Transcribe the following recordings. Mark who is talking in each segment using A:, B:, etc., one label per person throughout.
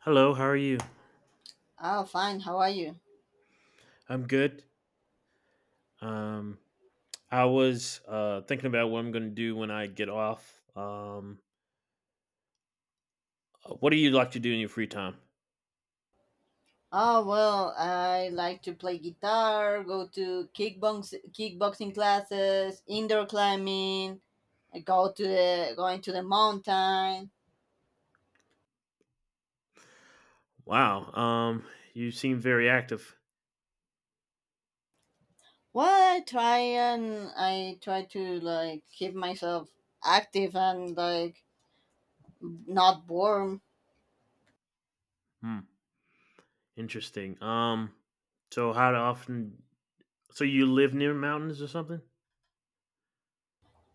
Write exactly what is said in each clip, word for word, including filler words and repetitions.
A: Hello, how are you?
B: Oh, fine. How are you?
A: I'm good. Um, I was uh, thinking about what I'm going to do when I get off. Um, uh, what do you like to do in your free time?
B: Oh, well, I like to play guitar, go to kickbox, kickboxing classes, indoor climbing, I go to the going to the mountain.
A: Wow, um, you seem very active.
B: Well, I try and I try to like keep myself active and like not bored.
A: Hmm, interesting. Um, so how often? So you live near mountains or something?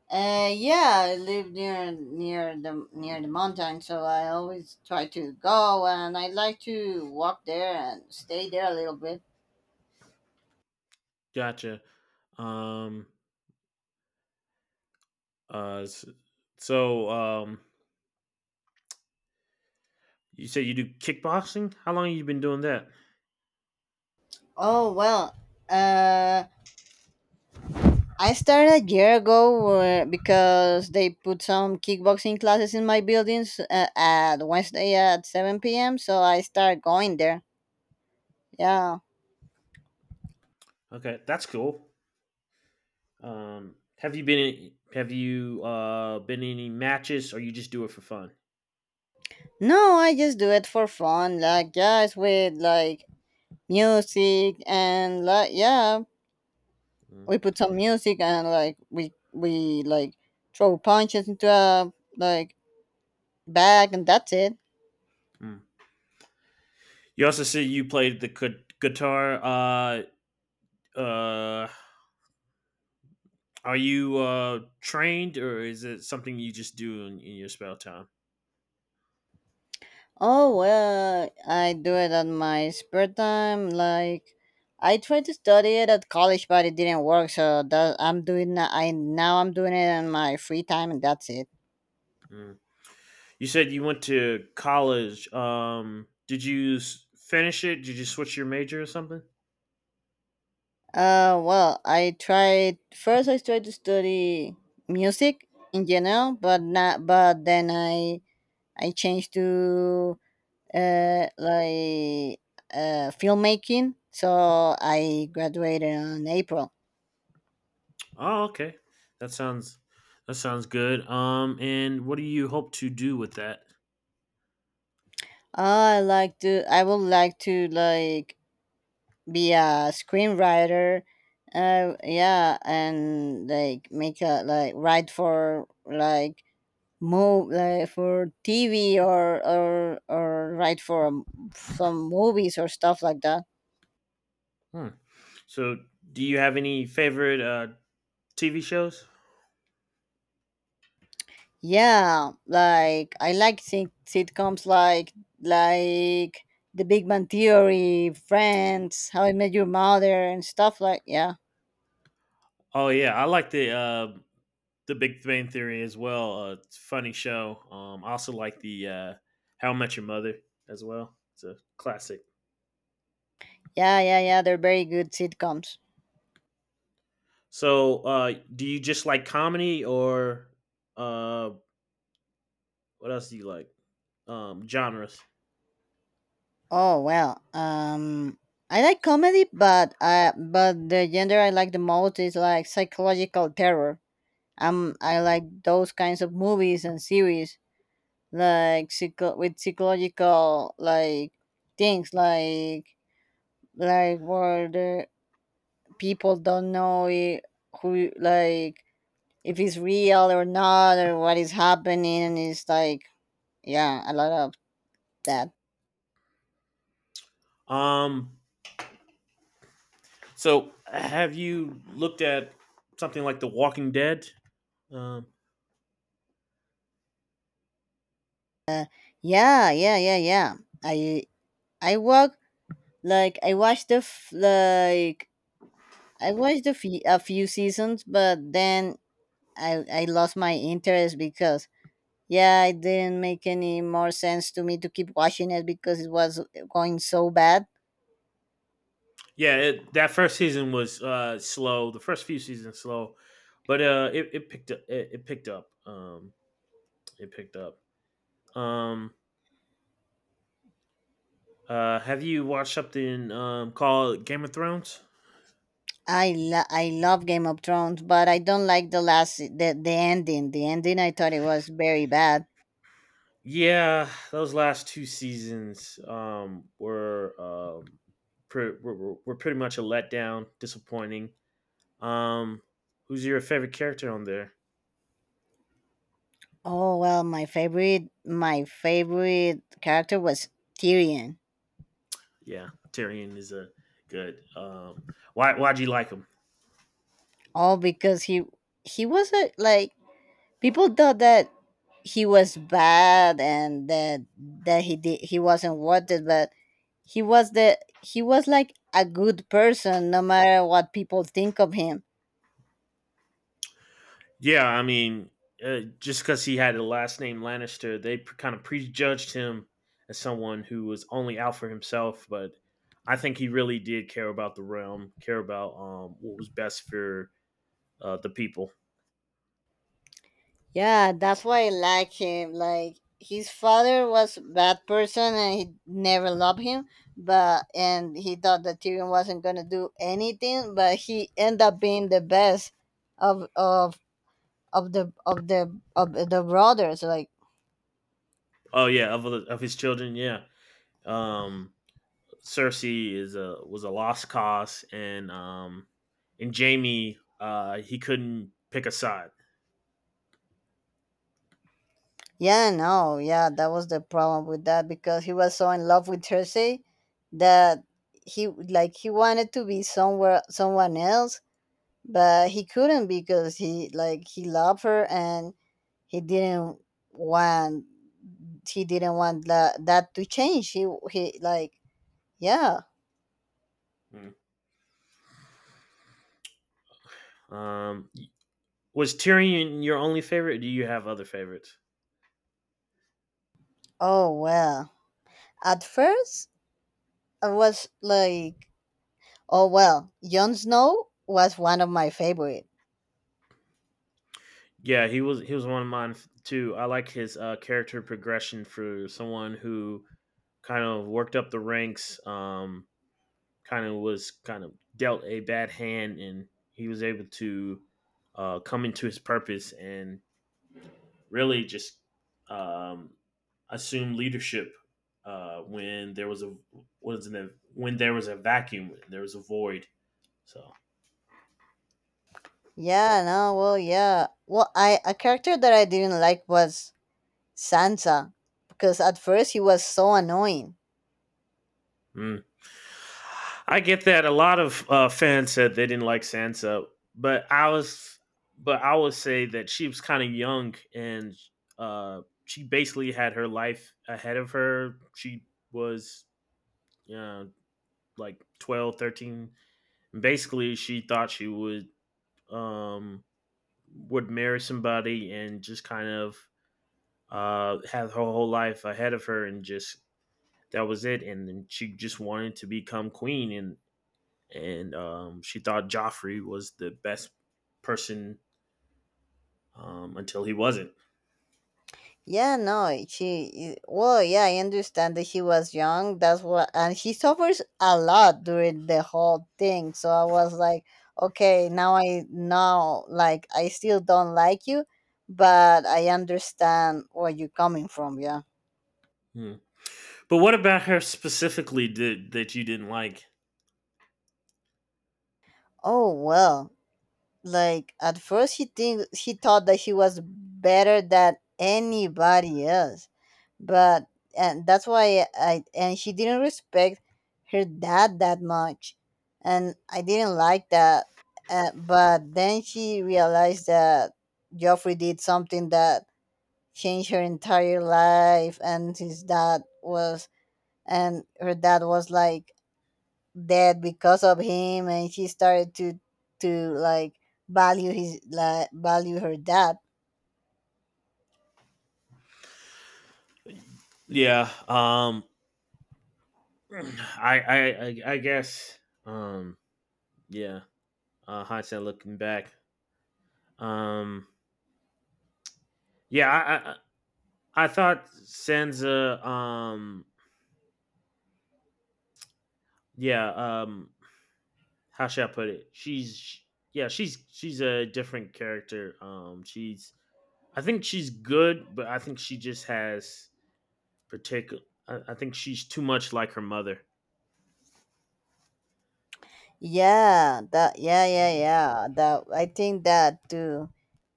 B: Uh, yeah, I live near near the near the mountain, so I always try to go and I like to walk there and stay there a little bit.
A: Gotcha. Um, uh, s- so um, you say you do kickboxing? How long have you been doing that?
B: Oh well, uh, I started a year ago, uh, because they put some kickboxing classes in my buildings, uh, at Wednesday at seven p m. So I start going there. Yeah.
A: Okay, that's cool. Um, have you been in, have you uh been in any matches or you just do it for fun?
B: No, I just do it for fun. Like, yeah, it's with like music and like, yeah,
A: Mm,
B: we put some music and like we we like throw punches into a like bag and that's it.
A: mm. You also said you played the gu- guitar. Uh, uh, are you uh trained or is it something you just do in, in your spare time?
B: Oh well, I do it on my spare time. Like, I tried to study it at college, but it didn't work. So that I'm doing I now I'm doing it on my free time, and that's it.
A: Mm. You said you went to college. Um, did you s- finish it? Did you switch your major or something?
B: Uh, well, I tried first. I tried to study music in general, but not. But then I I changed to uh like uh filmmaking. So I graduated in April.
A: Oh, okay. That sounds that sounds good. Um, and what do you hope to do with that?
B: Uh, I like to. I would like to like be a screenwriter, uh yeah, and like make a like write for like move like for T V or or or write for um, some movies or stuff like that.
A: Hmm. So, do you have any favorite uh, T V shows?
B: Yeah, like I like sit- sitcoms, like, like the Big Bang Theory, Friends, How I Met Your Mother and stuff like, yeah.
A: Oh yeah, I like the uh, the Big Bang Theory as well. Uh, it's a funny show. Um, I also like the uh, How I Met Your Mother as well. It's a classic.
B: Yeah, yeah, yeah, they're very good sitcoms.
A: So, uh, do you just like comedy or uh, What else do you like? Um, genres.
B: Oh well, um, I like comedy, but uh, but the genre I like the most is like psychological terror. Um, I like those kinds of movies and series, like psycho- with psychological, like things, like like where the people don't know, I who, like, if it's real or not or what is happening, and it's like, yeah, a lot of that.
A: Um, so have you looked at something like The Walking Dead? Um,
B: Yeah, yeah, yeah, yeah. I I walk Like I watched the f- like I watched the few, a few seasons, but then I I lost my interest because, yeah, it didn't make any more sense to me to keep watching it because it was going so bad.
A: yeah, it, that first season was uh, slow. The first few seasons slow, but uh, it, it picked up. It, it picked up. Um, it picked up. Um, uh, have you watched something um, called Game of Thrones?
B: I lo- I love Game of Thrones, but I don't like the last, the the ending. The ending, I thought it was very bad.
A: Yeah, those last two seasons um, were, um, pre- were were were pretty much a letdown, disappointing. Um, who's your favorite character on there?
B: Oh well, my favorite my favorite character was Tyrion.
A: Yeah, Tyrion is a good. Um, why why'd you like him?
B: All because he he was a like people thought that he was bad and that that he did he wasn't wanted, but he was the he was like a good person no matter what people think of him.
A: Yeah, I mean, uh, just because he had the last name Lannister, they pre- kind of prejudged him as someone who was only out for himself. But I think he really did care about the realm, care about um what was best for uh, the people.
B: Yeah, that's why I like him. Like, his father was bad person and he never loved him, but and he thought that Tyrion wasn't gonna do anything, but he ended up being the best of of of the of the of the brothers. Like.
A: Oh yeah, of the- of his children, yeah. Um, Cersei is a was a lost cause, and um, and Jaime uh, he couldn't pick a side.
B: Yeah, no, yeah, that was the problem with that because he was so in love with Cersei that he like he wanted to be somewhere someone else, but he couldn't because he like he loved her and he didn't want he didn't want that that to change. He he like yeah.
A: Mm. Um, was Tyrion your only favorite? Or do you have other favorites?
B: Oh well. At first I was like, oh well, Jon Snow was one of my favorite.
A: Yeah, he was he was one of mine too. I like his uh, character progression for someone who kind of worked up the ranks, um, kind of was kind of dealt a bad hand, and he was able to uh, come into his purpose and really just um, assumed leadership uh, when there was a was an, when there was a vacuum, when there was a void. So.
B: Yeah, no, well, yeah. Well, I a character that I didn't like was Sansa because at first he was so annoying.
A: Mm. I get that a lot of uh, fans said they didn't like Sansa, but I was but I would say that she was kind of young and uh, she basically had her life ahead of her. She was you know, like twelve, thirteen. Basically, she thought she would um, would marry somebody and just kind of uh, have her whole life ahead of her and just that was it. And then she just wanted to become queen and and um, she thought Joffrey was the best person um, until he wasn't.
B: Yeah, no, she. Well, yeah, I understand that she was young. That's what, and she suffers a lot during the whole thing. So I was like, okay, now I know, like, I still don't like you, but I understand where you're coming from. Yeah.
A: Hmm. But what about her specifically did, that you didn't like?
B: Oh well. Like, at first he think he thought that he was better than anybody else. But and that's why I and she didn't respect her dad that much. And I didn't like that. Uh, but then she realized that Joffrey did something that changed her entire life and his dad was and her dad was like that because of him and she started to to like value his like value her dad.
A: Yeah, um, I, I I I guess um, yeah. Uh, hindsight looking back, um, yeah, I, I I thought Sansa, um, yeah, um, how should I put it? She's, sh- yeah, she's she's a different character. Um, she's, I think she's good, but I think she just has particular. I, I think she's too much like her mother.
B: Yeah, that yeah, yeah, yeah, that I think that too.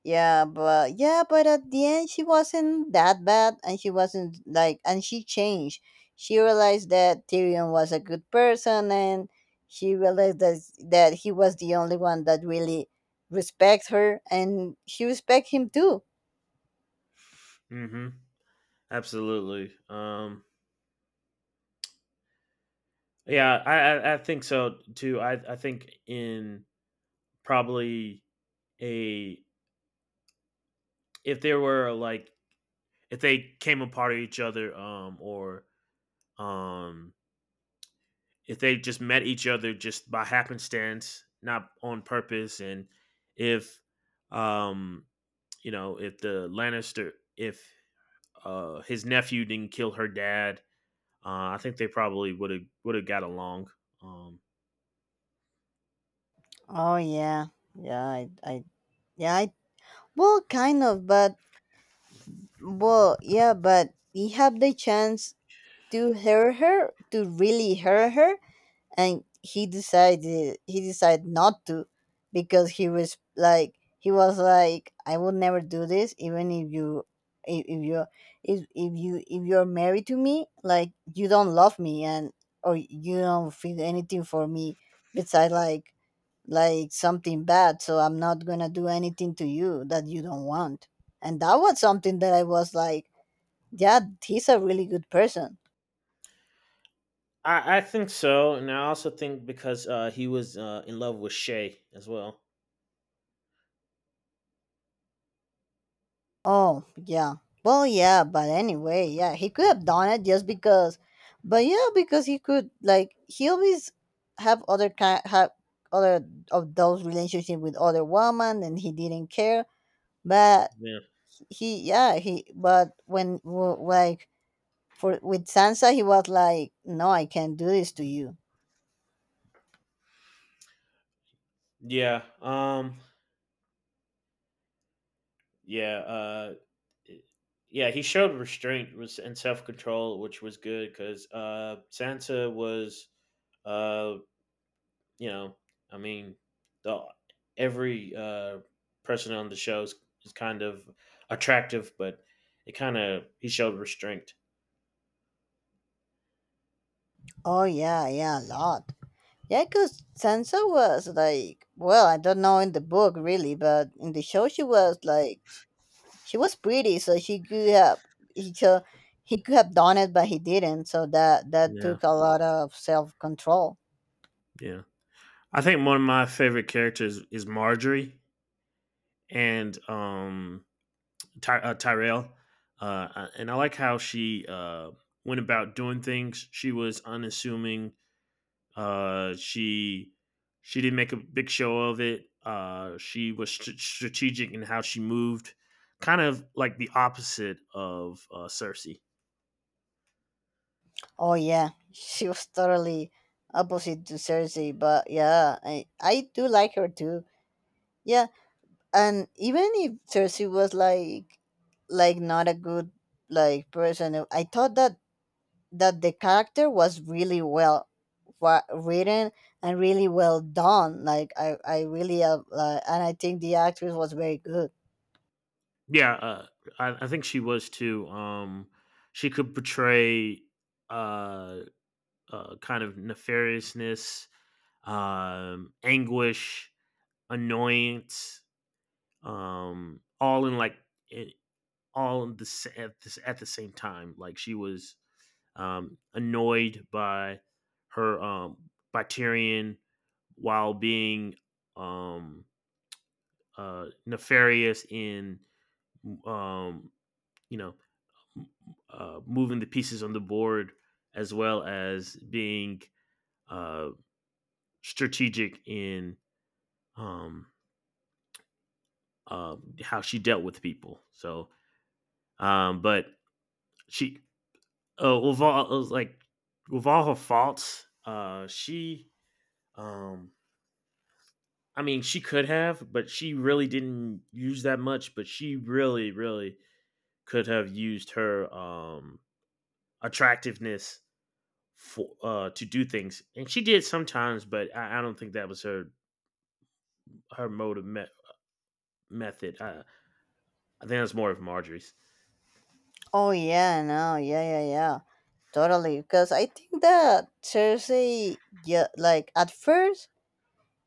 B: yeah but yeah, but at the end she wasn't that bad and she wasn't like and she changed. She realized that Tyrion was a good person and she realized that that he was the only one that really respects her and she respects him too.
A: Mm-hmm. Absolutely. Um, yeah, I, I I think so too. I I think in probably a if there were like if they came apart of each other, um, or um if they just met each other just by happenstance, not on purpose, and if um you know if the Lannister if uh his nephew didn't kill her dad, uh, I think they probably would have would have got along. Um,
B: Oh yeah, yeah. I I Yeah, I, well, kind of, but, well, yeah, but he had the chance to hurt her, to really hurt her, and he decided he decided not to, because he was like he was like, I will never do this, even if you if, if you if if you if you're married to me, like, you don't love me and or you don't feel anything for me besides, like, like something bad, so I'm not gonna do anything to you that you don't want, and that was something that I was like, yeah, he's a really good person.
A: I, I think so, and I also think because uh, he was uh, in love with Shay as well.
B: Oh yeah, well, yeah, but anyway, yeah, he could have done it just because, but yeah, because he could, like, he always have other kind have other of those relationship with other women and he didn't care, but,
A: Yeah,
B: he, yeah, he, but when w- like for with Sansa he was like, no, I can't do this to you.
A: yeah, um, yeah. Uh, yeah, he showed restraint was and self control, which was good because uh, Sansa was, uh, you know, I mean, the every uh, person on the show is, is kind of attractive, but it kind of he showed restraint.
B: Oh yeah, yeah, a lot. Yaiko's Sansa was like, well, I don't know in the book really, but in the show she was like, she was pretty, so she could have he so he could have done it, but he didn't. So that that
A: Yeah,
B: took a lot of self control.
A: yeah. I think one of my favorite characters is Marjorie and um, Ty- uh, Tyrell, uh, and I like how she uh, went about doing things. She was unassuming. Uh, she she didn't make a big show of it. Uh, she was st- strategic in how she moved, kind of like the opposite of uh, Cersei.
B: Oh yeah, she was totally opposite to Cersei, but yeah, I I do like her too. Yeah, and even if Cersei was like, like not a good, like, person, I thought that that the character was really well wa- written and really well done. Like, I, I really, uh, uh, and I think the actress was very good.
A: Yeah, uh, I, I think she was too. Um, she could portray uh, uh, kind of nefariousness, um, anguish, annoyance, um, all in like i- all in the, sa- at the at the same time. Like she was um, annoyed by her um, by Tyrion while being um, uh, nefarious in um, you know uh, moving the pieces on the board as well as being uh, strategic in um, uh, how she dealt with people. So, um, but she uh, with all it was like with all her faults, uh, she um, I mean, she could have, but she really didn't use that much. But she really, really could have used her um attractiveness for uh to do things, and she did sometimes. But I, I don't think that was her her motive me- method. I, I think that's more of Marjorie's.
B: Oh yeah, no, yeah, yeah, yeah, totally. Because I think that Cersei, yeah, like at first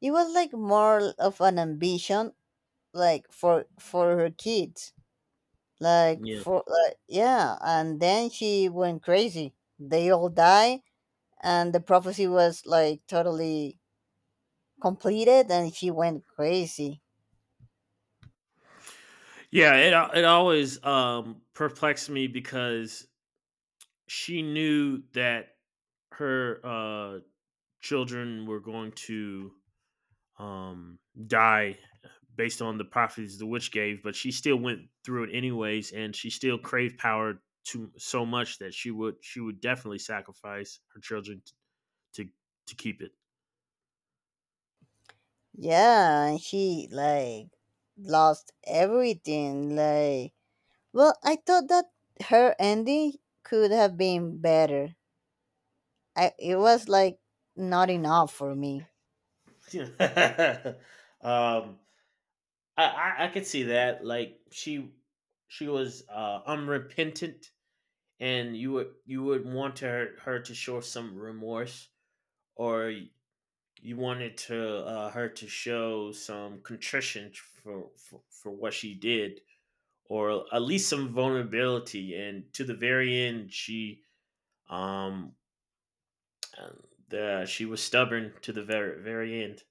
B: it was like more of an ambition, like for for her kids, like
A: Yeah.
B: for like, yeah, and then she went crazy. They all die, and the prophecy was like totally completed and he went crazy.
A: Yeah, it al- it always um, perplexed me because she knew that her uh, children were going to um, die based on the prophecies the witch gave, but she still went through it anyways, and she still craved power to so much that she would she would definitely sacrifice her children to to, keep it.
B: Yeah, and he like lost everything. Like, well, I thought that her ending could have been better. I it was like not enough for me.
A: um, I, I I could see that. Like she she was uh, unrepentant, and you would you would want her her to show some remorse, or you wanted to uh, her to show some contrition for, for for what she did, or at least some vulnerability. And to the very end she um the she was stubborn to the very very end.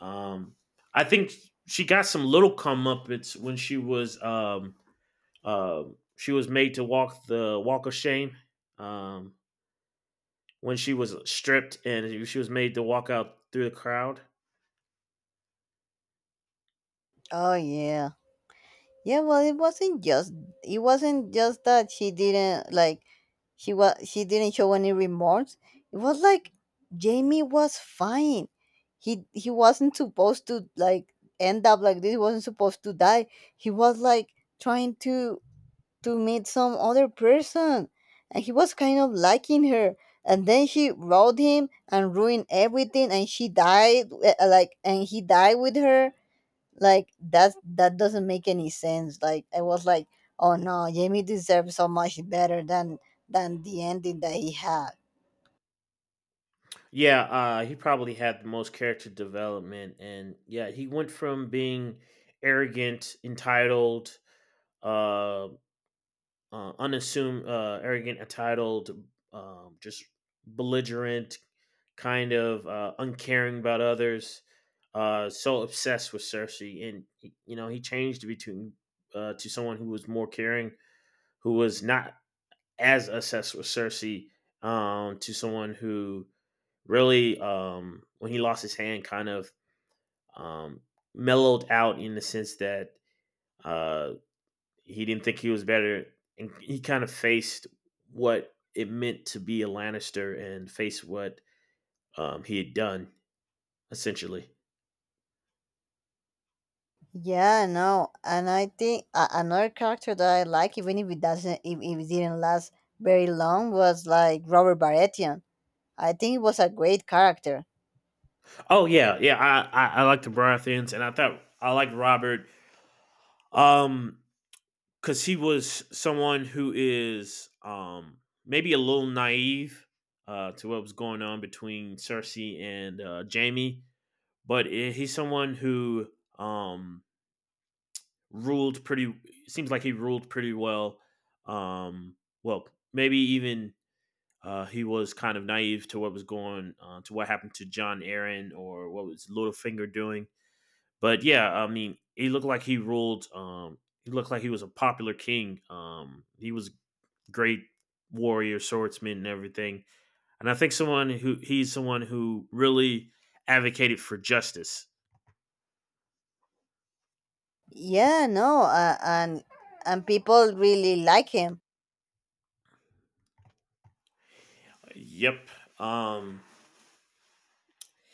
A: Um I think she got some little comeuppance when she was um uh, she was made to walk the walk of shame um when she was stripped and she was made to walk out through the crowd.
B: Oh yeah. Yeah, well, it wasn't just it wasn't just that she didn't like, she was she didn't show any remorse. It was like Jamie was fine. He he wasn't supposed to like end up like this. He wasn't supposed to die. He was like trying to to meet some other person, and he was kind of liking her. And then she rode him and ruined everything, and she died, uh, like, and he died with her, like that that doesn't make any sense, like, I was like, oh no, Jamie deserves so much better than than the ending that he had.
A: Yeah, uh, he probably had the most character development, and yeah, he went from being arrogant, entitled, uh, uh unassuming, uh, arrogant, entitled, um, just belligerent, kind of uh, uncaring about others, uh, so obsessed with Cersei, and he- you know he changed between uh, to someone who was more caring, who was not as obsessed with Cersei, um, to someone who really um, when he lost his hand kind of um, mellowed out in the sense that uh, he didn't think he was better and he kind of faced what it meant to be a Lannister and face what um, he had done essentially.
B: Yeah, no, and I think, uh, another character that I like, even if it doesn't if, if it didn't last very long, was like Robert Baratheon. I think he was a great character.
A: Oh yeah, yeah. I I, I like the Baratheons, and I thought I liked Robert, um, because he was someone who is um maybe a little naive, uh, to what was going on between Cersei and uh, Jamie, but I he's someone who um, ruled pretty. Seems like he ruled pretty well. Um, well, maybe even uh, he was kind of naive to what was going uh, to what happened to John Aaron or what was Littlefinger doing. But yeah, I mean, he looked like he ruled. Um, he looked like he was a popular king. Um, he was a great warrior, swordsman, and everything. And I think someone who he's someone who really advocated for justice.
B: Yeah, no, uh, and and people really like him.
A: Yep. Um,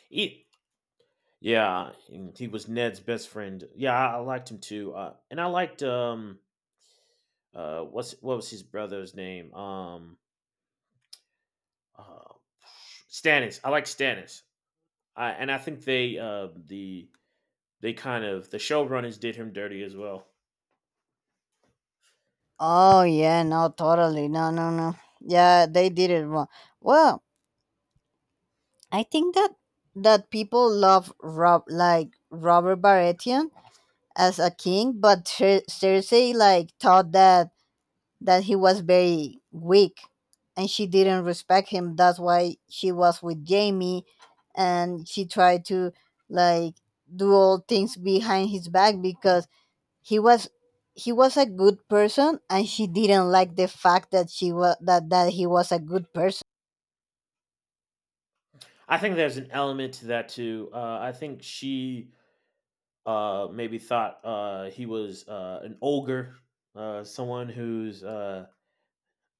A: He, yeah, and he was Ned's best friend. Yeah, I, I liked him too. Uh, and I liked um uh what's what was his brother's name? Um uh, Stannis. I like Stannis. I and I think they uh the they kind of the showrunners did him dirty as well.
B: Oh yeah, no, totally, no, no, no, yeah, they did it wrong. Well, I think that that people love Rob, like Robert Baratheon, as a king, but Cer- Cersei like thought that that he was very weak, and she didn't respect him. That's why she was with Jamie, and she tried to like do all things behind his back because he was he was a good person, and she didn't like the fact that she was that that he was a good person.
A: I think there's an element to that too. Uh, I think she uh maybe thought uh he was uh an ogre, uh someone who's uh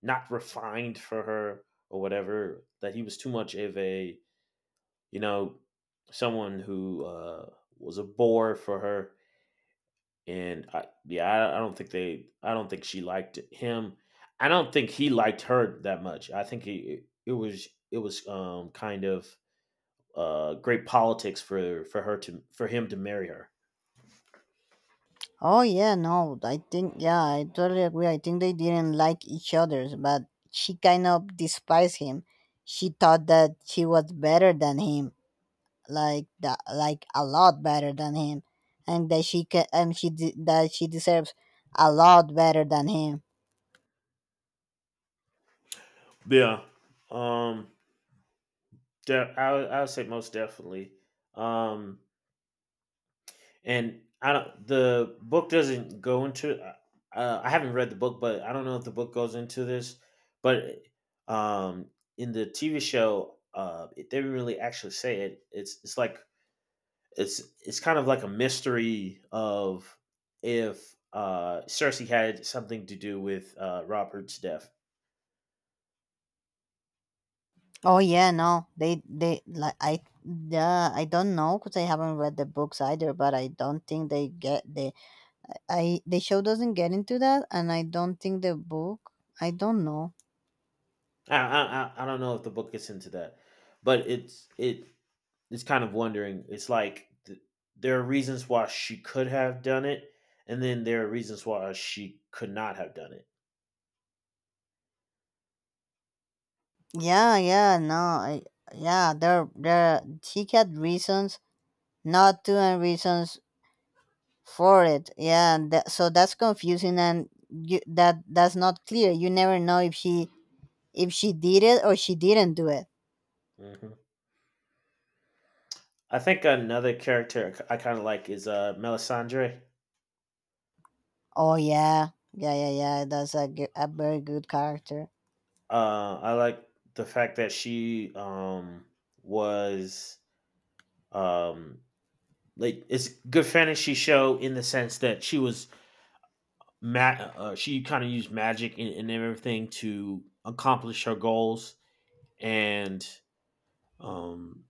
A: not refined for her or whatever. That he was too much of a you know someone who uh, was a bore for her. And I, yeah, I, I don't think they, I don't think she liked him. I don't think he liked her that much. I think he, it was, it was um, kind of uh, great politics for for her to for him to marry her.
B: Oh yeah, no, I think, yeah, I totally agree. I think they didn't like each other, but she kind of despised him. She thought that she was better than him, like that, like a lot better than him, and that she can and she de- that she deserves a lot better than him.
A: Yeah, um, de- I would- I would say most definitely. Um, And I don't. The book doesn't go into. Uh, I haven't read the book, but I don't know if the book goes into this. But um, in the T V show, uh, it didn't really actually say it. It's it's like it's it's kind of like a mystery of if uh, Cersei had something to do with uh, Robert's death.
B: Oh yeah, no, they they like I yeah I don't know because I haven't read the books either, but I don't think they get the I the show doesn't get into that, and I don't think the book I don't know.
A: I, I I I don't know if the book gets into that, but it's it It's kind of wondering. It's like th- there are reasons why she could have done it, and then there are reasons why she could not have done it.
B: Yeah, yeah, no, I, yeah, there, there, he had reasons not to and reasons for it. Yeah, and tha- so that's confusing and you, that that's not clear. You never know if she if she did it or she didn't do it.
A: hmm I think another character I kind of like is uh, Melisandre.
B: Oh yeah, yeah, yeah, yeah. That's a g- a very good character.
A: Uh, I like the fact that she um was um like it's good fantasy show in the sense that she was ma- uh, she kind of used magic and, and everything to accomplish her goals and um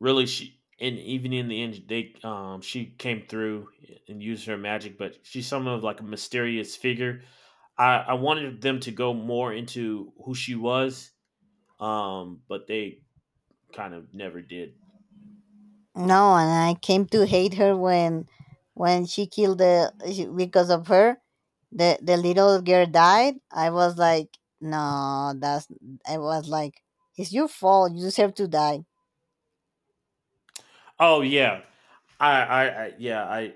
A: really she and even in the end they um she came through and used her magic, but she's somewhat of like a mysterious figure. I, I wanted them to go more into who she was, um, but they kind of never did.
B: No, and I came to hate her when when she killed the she, because of her the the little girl died. I was like, no, that's I was like, it's your fault. You deserve to die.
A: Oh yeah, I, I, I yeah, I,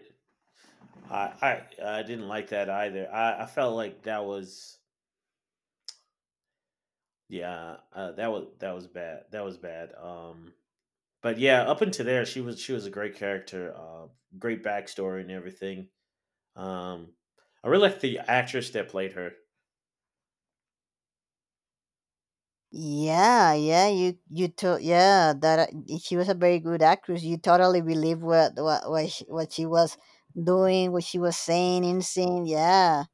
A: I, I, I didn't like that either. I, I felt like that was, yeah, uh, that was that was bad. That was bad. Um, but yeah, up until there, she was she was a great character, uh, great backstory and everything. Um, I really like the actress that played her.
B: Yeah, yeah, you you to yeah that uh, she was a very good actress. You totally believe what what what she, what she was doing, what she was saying in scene. Yeah,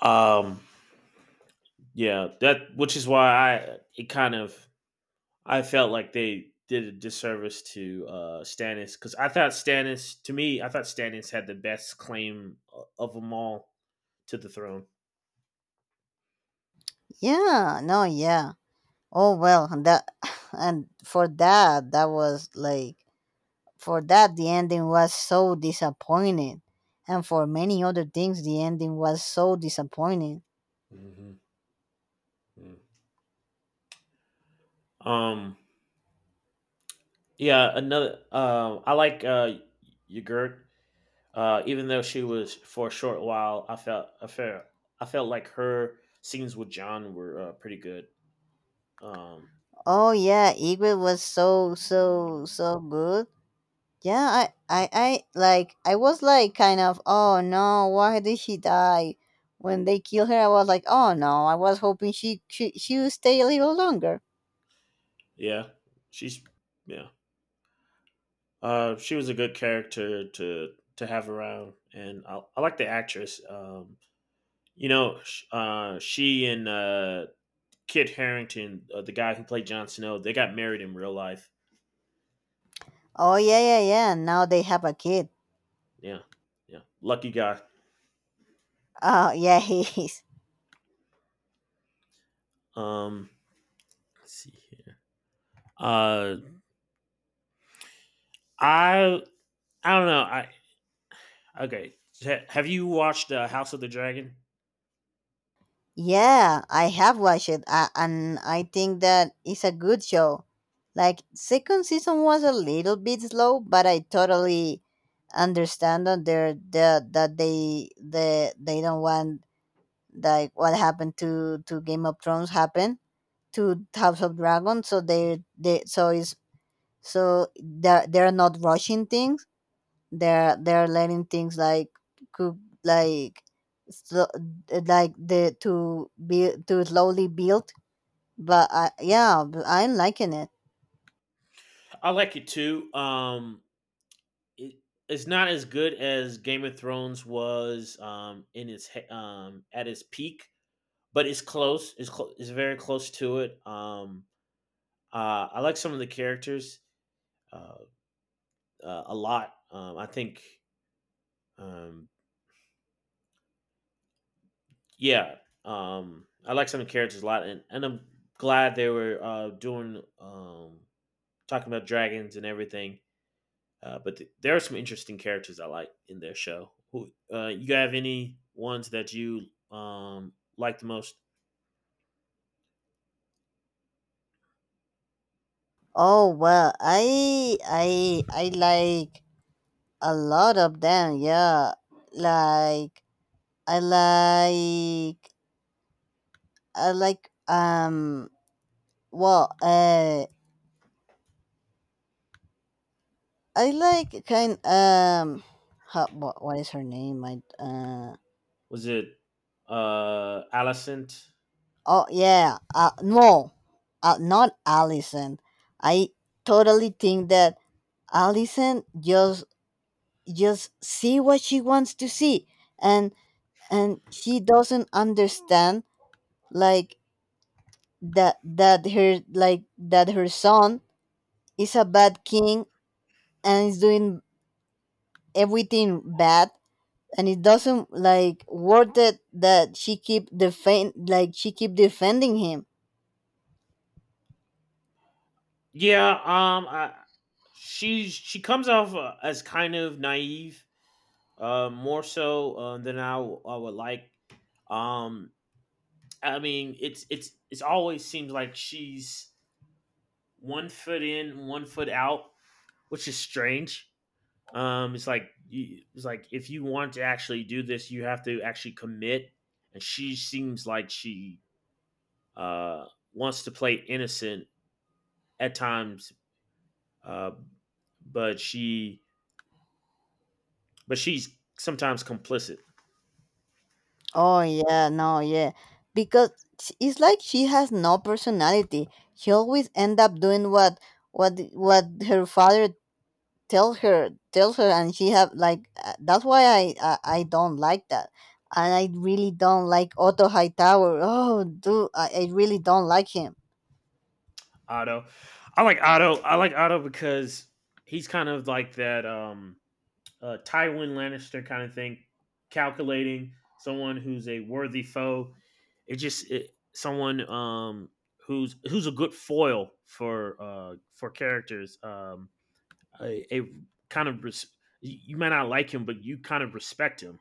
A: Um, Yeah, that which is why I it kind of I felt like they did a disservice to uh Stannis, because I thought Stannis to me I thought Stannis had the best claim uh, of them all to the throne.
B: yeah, no, yeah. Oh well, and that and for that that was like For that, the ending was so disappointing. And for many other things, the ending was so disappointing.
A: Mm-hmm. Mm. Um, yeah, another. Um, Uh, I like uh Ygritte. Uh, even though she was for a short while, I felt I felt I felt like her scenes with John were uh, pretty good. Um,
B: Oh, yeah, Egret was so, so, so good. Yeah, I, I, I, like, I was like, kind of, oh no, why did she die? When they kill her, I was like, oh no, I was hoping she, she, she would stay a little longer.
A: yeah, she's yeah. Uh, she was a good character to to have around, and I, I like the actress. Um, you know, sh- uh, she and uh, Kit Harington, uh, the guy who played Jon Snow, they got married in real life.
B: Oh, yeah, yeah, yeah, now they have a kid.
A: Yeah, yeah, lucky guy.
B: Oh, yeah, he is.
A: Um, let's see here. Uh, I I don't know. I okay. Ha- Have you watched uh, House of the Dragon?
B: Yeah, I have watched it, uh, and I think that it's a good show. Like second season was a little bit slow, but I totally understand that they're the that they the they don't want like what happened to to Game of Thrones happen to House of Dragon, so they they so it's so they're they're not rushing things they're they're learning things like cook like so, like the to be to slowly build but I, yeah but I'm liking it.
A: I like it too. Um, it, it's not as good as Game of Thrones was um, in its he- um, at its peak, but it's close. It's close. It's very close to it. Um, uh, I like some of the characters uh, uh, a lot. Um, I think, um, yeah, um, I like some of the characters a lot, and, and I'm glad they were uh, doing um, talking about dragons and everything. Uh, but th- there are some interesting characters I like in their show. Who uh, you have any ones that you um, like the most?
B: Oh well i i i like a lot of them, yeah, like I like I like um well uh I like kind um how, what, what is her name, I uh
A: Was it uh, Alicent?
B: Oh yeah, uh, no, uh, not Allison. I totally think that Allison just just see what she wants to see, and and she doesn't understand like that that her like that her son is a bad king and is doing everything bad, and it doesn't like worth it that she keep defend like she keep defending him.
A: Yeah, um, I, she's she comes off uh, as kind of naive, uh, more so uh, than I, w- I would like. Um, I mean, it's it's it's always seems like she's one foot in, one foot out, which is strange. Um, it's like you, it's like if you want to actually do this, you have to actually commit. And she seems like she uh wants to play innocent at times, uh, but she but she's sometimes complicit.
B: Oh yeah, no, yeah. Because sh- it's like she has no personality. She always end up doing what what what her father tell her tells her and she have like uh, that's why I, I I don't like that. And I really don't like Otto Hightower. Oh, dude, I, I really don't like him.
A: Otto, I like Otto. I like Otto because he's kind of like that um, uh, Tywin Lannister kind of thing, calculating someone who's a worthy foe. It just it, someone um, who's who's a good foil for uh, for characters. Um, a, a kind of res- you may not like him, but you kind of respect him.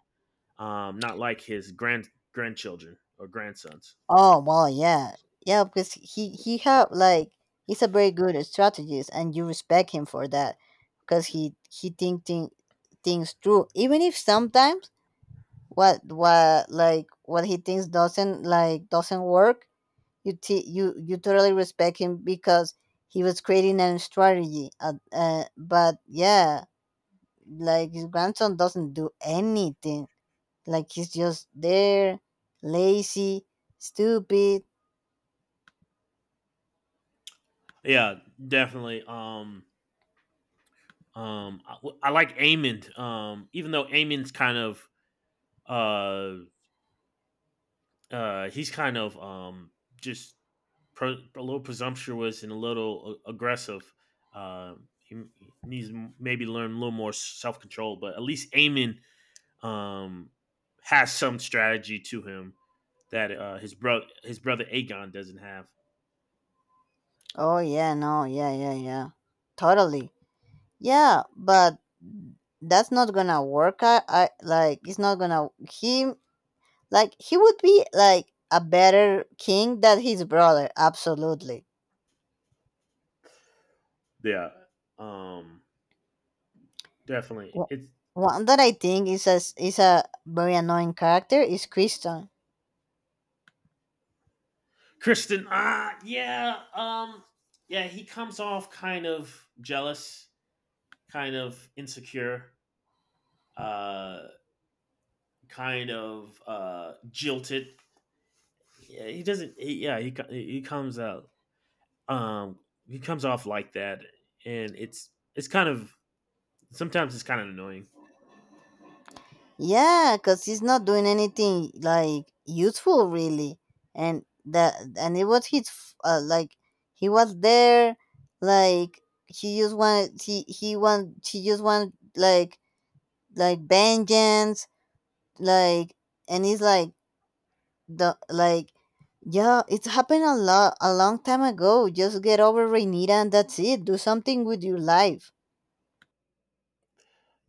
A: Um, not like his grand grandchildren or grandsons.
B: Oh well, yeah, yeah, because he he have like he's a very good strategist, and you respect him for that, because he he think, think things through, even if sometimes what what like what he thinks doesn't like doesn't work. You t- you you totally respect him because he was creating a strategy, uh, uh, but yeah, like his grandson doesn't do anything, like he's just there, lazy, stupid.
A: Yeah, definitely. Um, Um, I, I like Amon. Um, even though Amon's kind of uh uh he's kind of um just pre- a little presumptuous and a little a- aggressive. Um, he, he needs to maybe learn a little more self control, but at least Amon um has some strategy to him that uh his brother his brother Aegon doesn't have.
B: Oh yeah no yeah yeah yeah totally. Yeah, but that's not gonna work. i, I, like, it's not gonna him. Like he would be like a better king than his brother, absolutely.
A: Yeah. Um, Definitely.
B: Wh-
A: It's
B: One that I think is a s- is a very annoying character is Kriston.
A: Kristen, ah, yeah, um, yeah, he comes off kind of jealous, kind of insecure, uh, kind of uh, jilted. Yeah, he doesn't. He, yeah, he he comes out. Um, he comes off like that, and it's it's kind of sometimes it's kind of annoying.
B: Yeah, cause he's not doing anything like useful really, and that and it was his f- uh, like he was there, like he just wanted he he want he just wanted like like vengeance, like, and he's like the like, yeah, it's happened a lot a long time ago. Just get over Renita and that's it. Do something with your life.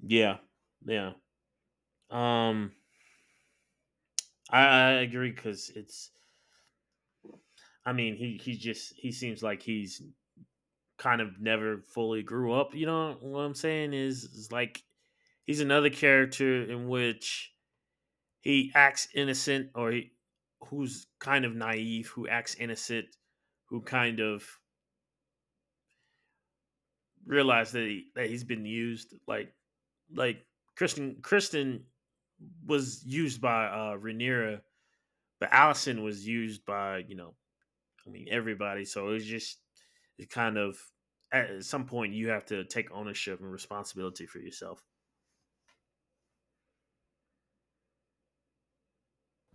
A: Yeah, yeah. Um, I, I agree because it's. I mean, he he just he seems like he's kind of never fully grew up. You know what I'm saying? Is, is like he's another character in which he acts innocent or he, who's kind of naive, who acts innocent, who kind of realized that he, that he's been used like like Kristen Kristen was used by uh Rhaenyra, but Allison was used by, you know, I mean, everybody. So it's just it kind of at some point you have to take ownership and responsibility for yourself.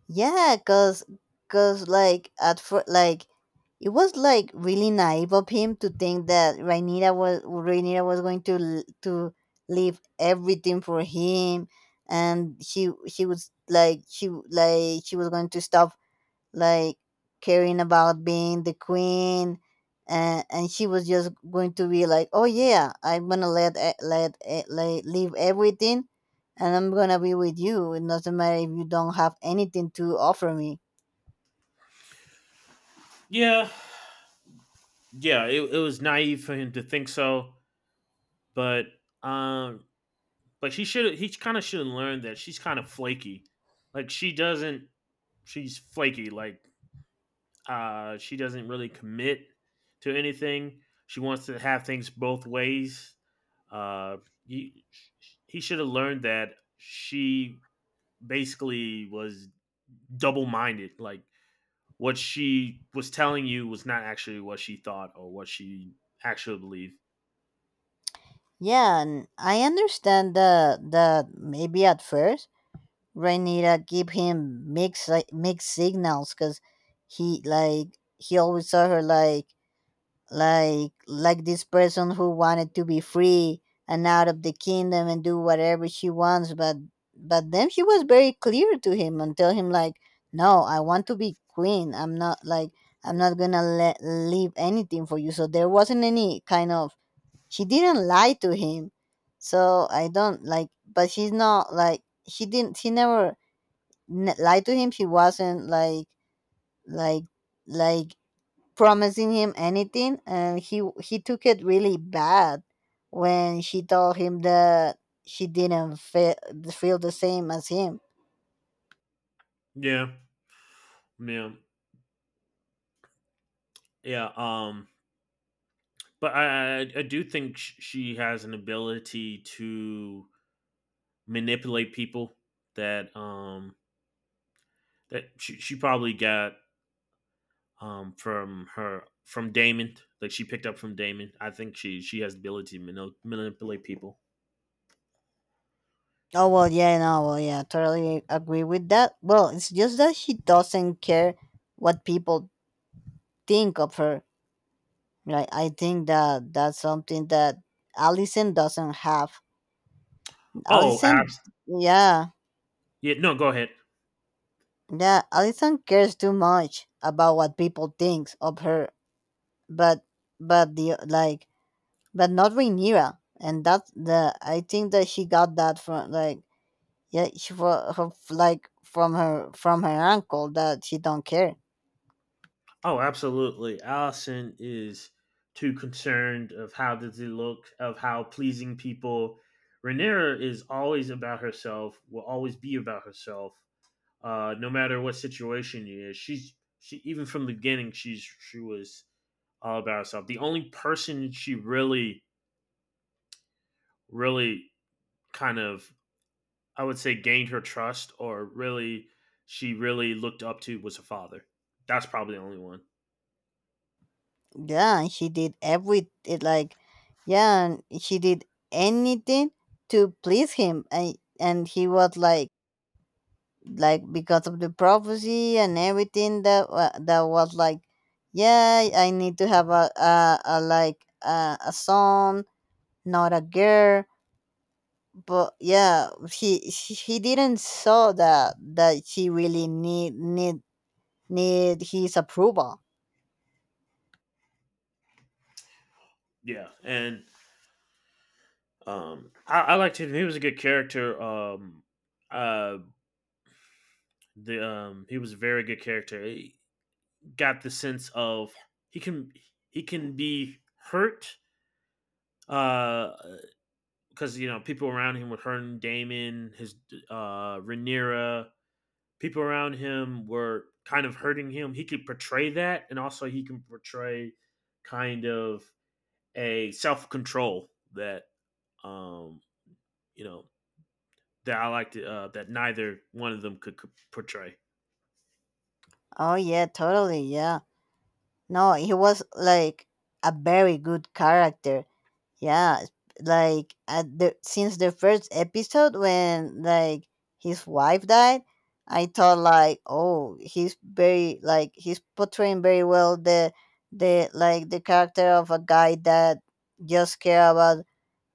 B: Yeah cause cause like at first like it was like really naive of him to think that Rhaenyra was Rhaenyra was going to l- to leave everything for him, and she she was like she like she was going to stop like caring about being the queen, and and she was just going to be like, oh yeah, I'm gonna let e- let e- let leave everything and I'm gonna be with you. It doesn't matter if you don't have anything to offer me.
A: Yeah, yeah. It, it was naive for him to think so, but um, but he should he kind of should have learned that she's kind of flaky. Like she doesn't. She's flaky. Like uh, she doesn't really commit to anything. She wants to have things both ways. Uh, he, he should have learned that she basically was double minded. Like what she was telling you was not actually what she thought or what she actually believed.
B: Yeah, and I understand that that maybe at first Rhaenyra give him mixed like mixed signals, because he like he always saw her like like like this person who wanted to be free and out of the kingdom and do whatever she wants, but but then she was very clear to him and tell him like, no, I want to be queen, I'm not like, I'm not gonna let leave anything for you. So there wasn't any kind of, she didn't lie to him. So I don't like but she's not like she didn't she never n- lied to him. She wasn't like like like promising him anything, and he he took it really bad when she told him that she didn't feel, feel the same as him.
A: Yeah, yeah, yeah. Um, but I, I, I do think sh- she has an ability to manipulate people that um that she, she probably got um from her from Damon. Like she picked up from Damon. I think she she has the ability to manip- manipulate people.
B: Oh well, yeah, no, well, yeah, totally agree with that. Well, it's just that she doesn't care what people think of her, like I think that that's something that Allison doesn't have.
A: Oh,
B: Allison,
A: abs.
B: yeah,
A: Yeah. No, go ahead.
B: yeah, Allison cares too much about what people think of her, but but the like, but not Rhaenyra, and that's the I think that she got that from like, yeah, she for her like from her from her uncle, that she don't care.
A: Oh, absolutely. Allison is too concerned of how does it look, of how pleasing people. Renera is always about herself, will always be about herself, uh, no matter what situation it is. She's she, even from the beginning, she's she was all about herself. The only person she really, really kind of I would say gained her trust or really she really looked up to was her father. That's probably the only one.
B: Yeah, and she did every it like, yeah, and she did anything to please him, and and he was like like because of the prophecy and everything that wa- that was like, yeah, I need to have a, a, a like a, a son, not a girl. But yeah, he he he didn't saw that that he really need need need his approval.
A: Yeah. And Um, I, I liked him. He was a good character. Um, uh, the um, He was a very good character. He got the sense of he can he can be hurt. Uh, because you know people around him were hurting Damon, his uh Rhaenyra. People around him were kind of hurting him. He could portray that, and also he can portray kind of a self control that um you know that I liked uh, that neither one of them could, could portray.
B: Oh yeah, totally, yeah, no he was like a very good character. Yeah, like at the since the first episode when like his wife died, I thought like, oh, he's very like he's portraying very well the the like the character of a guy that just care about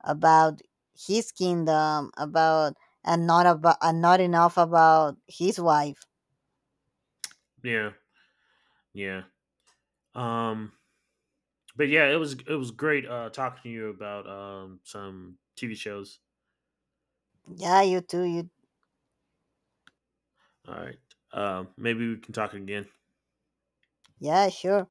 B: about his kingdom, about and not about and not enough about his wife.
A: Yeah, yeah. Um, but yeah, it was it was great uh, talking to you about um, some T V shows.
B: Yeah, you too. You
A: All right, um, maybe we can talk again.
B: yeah, sure.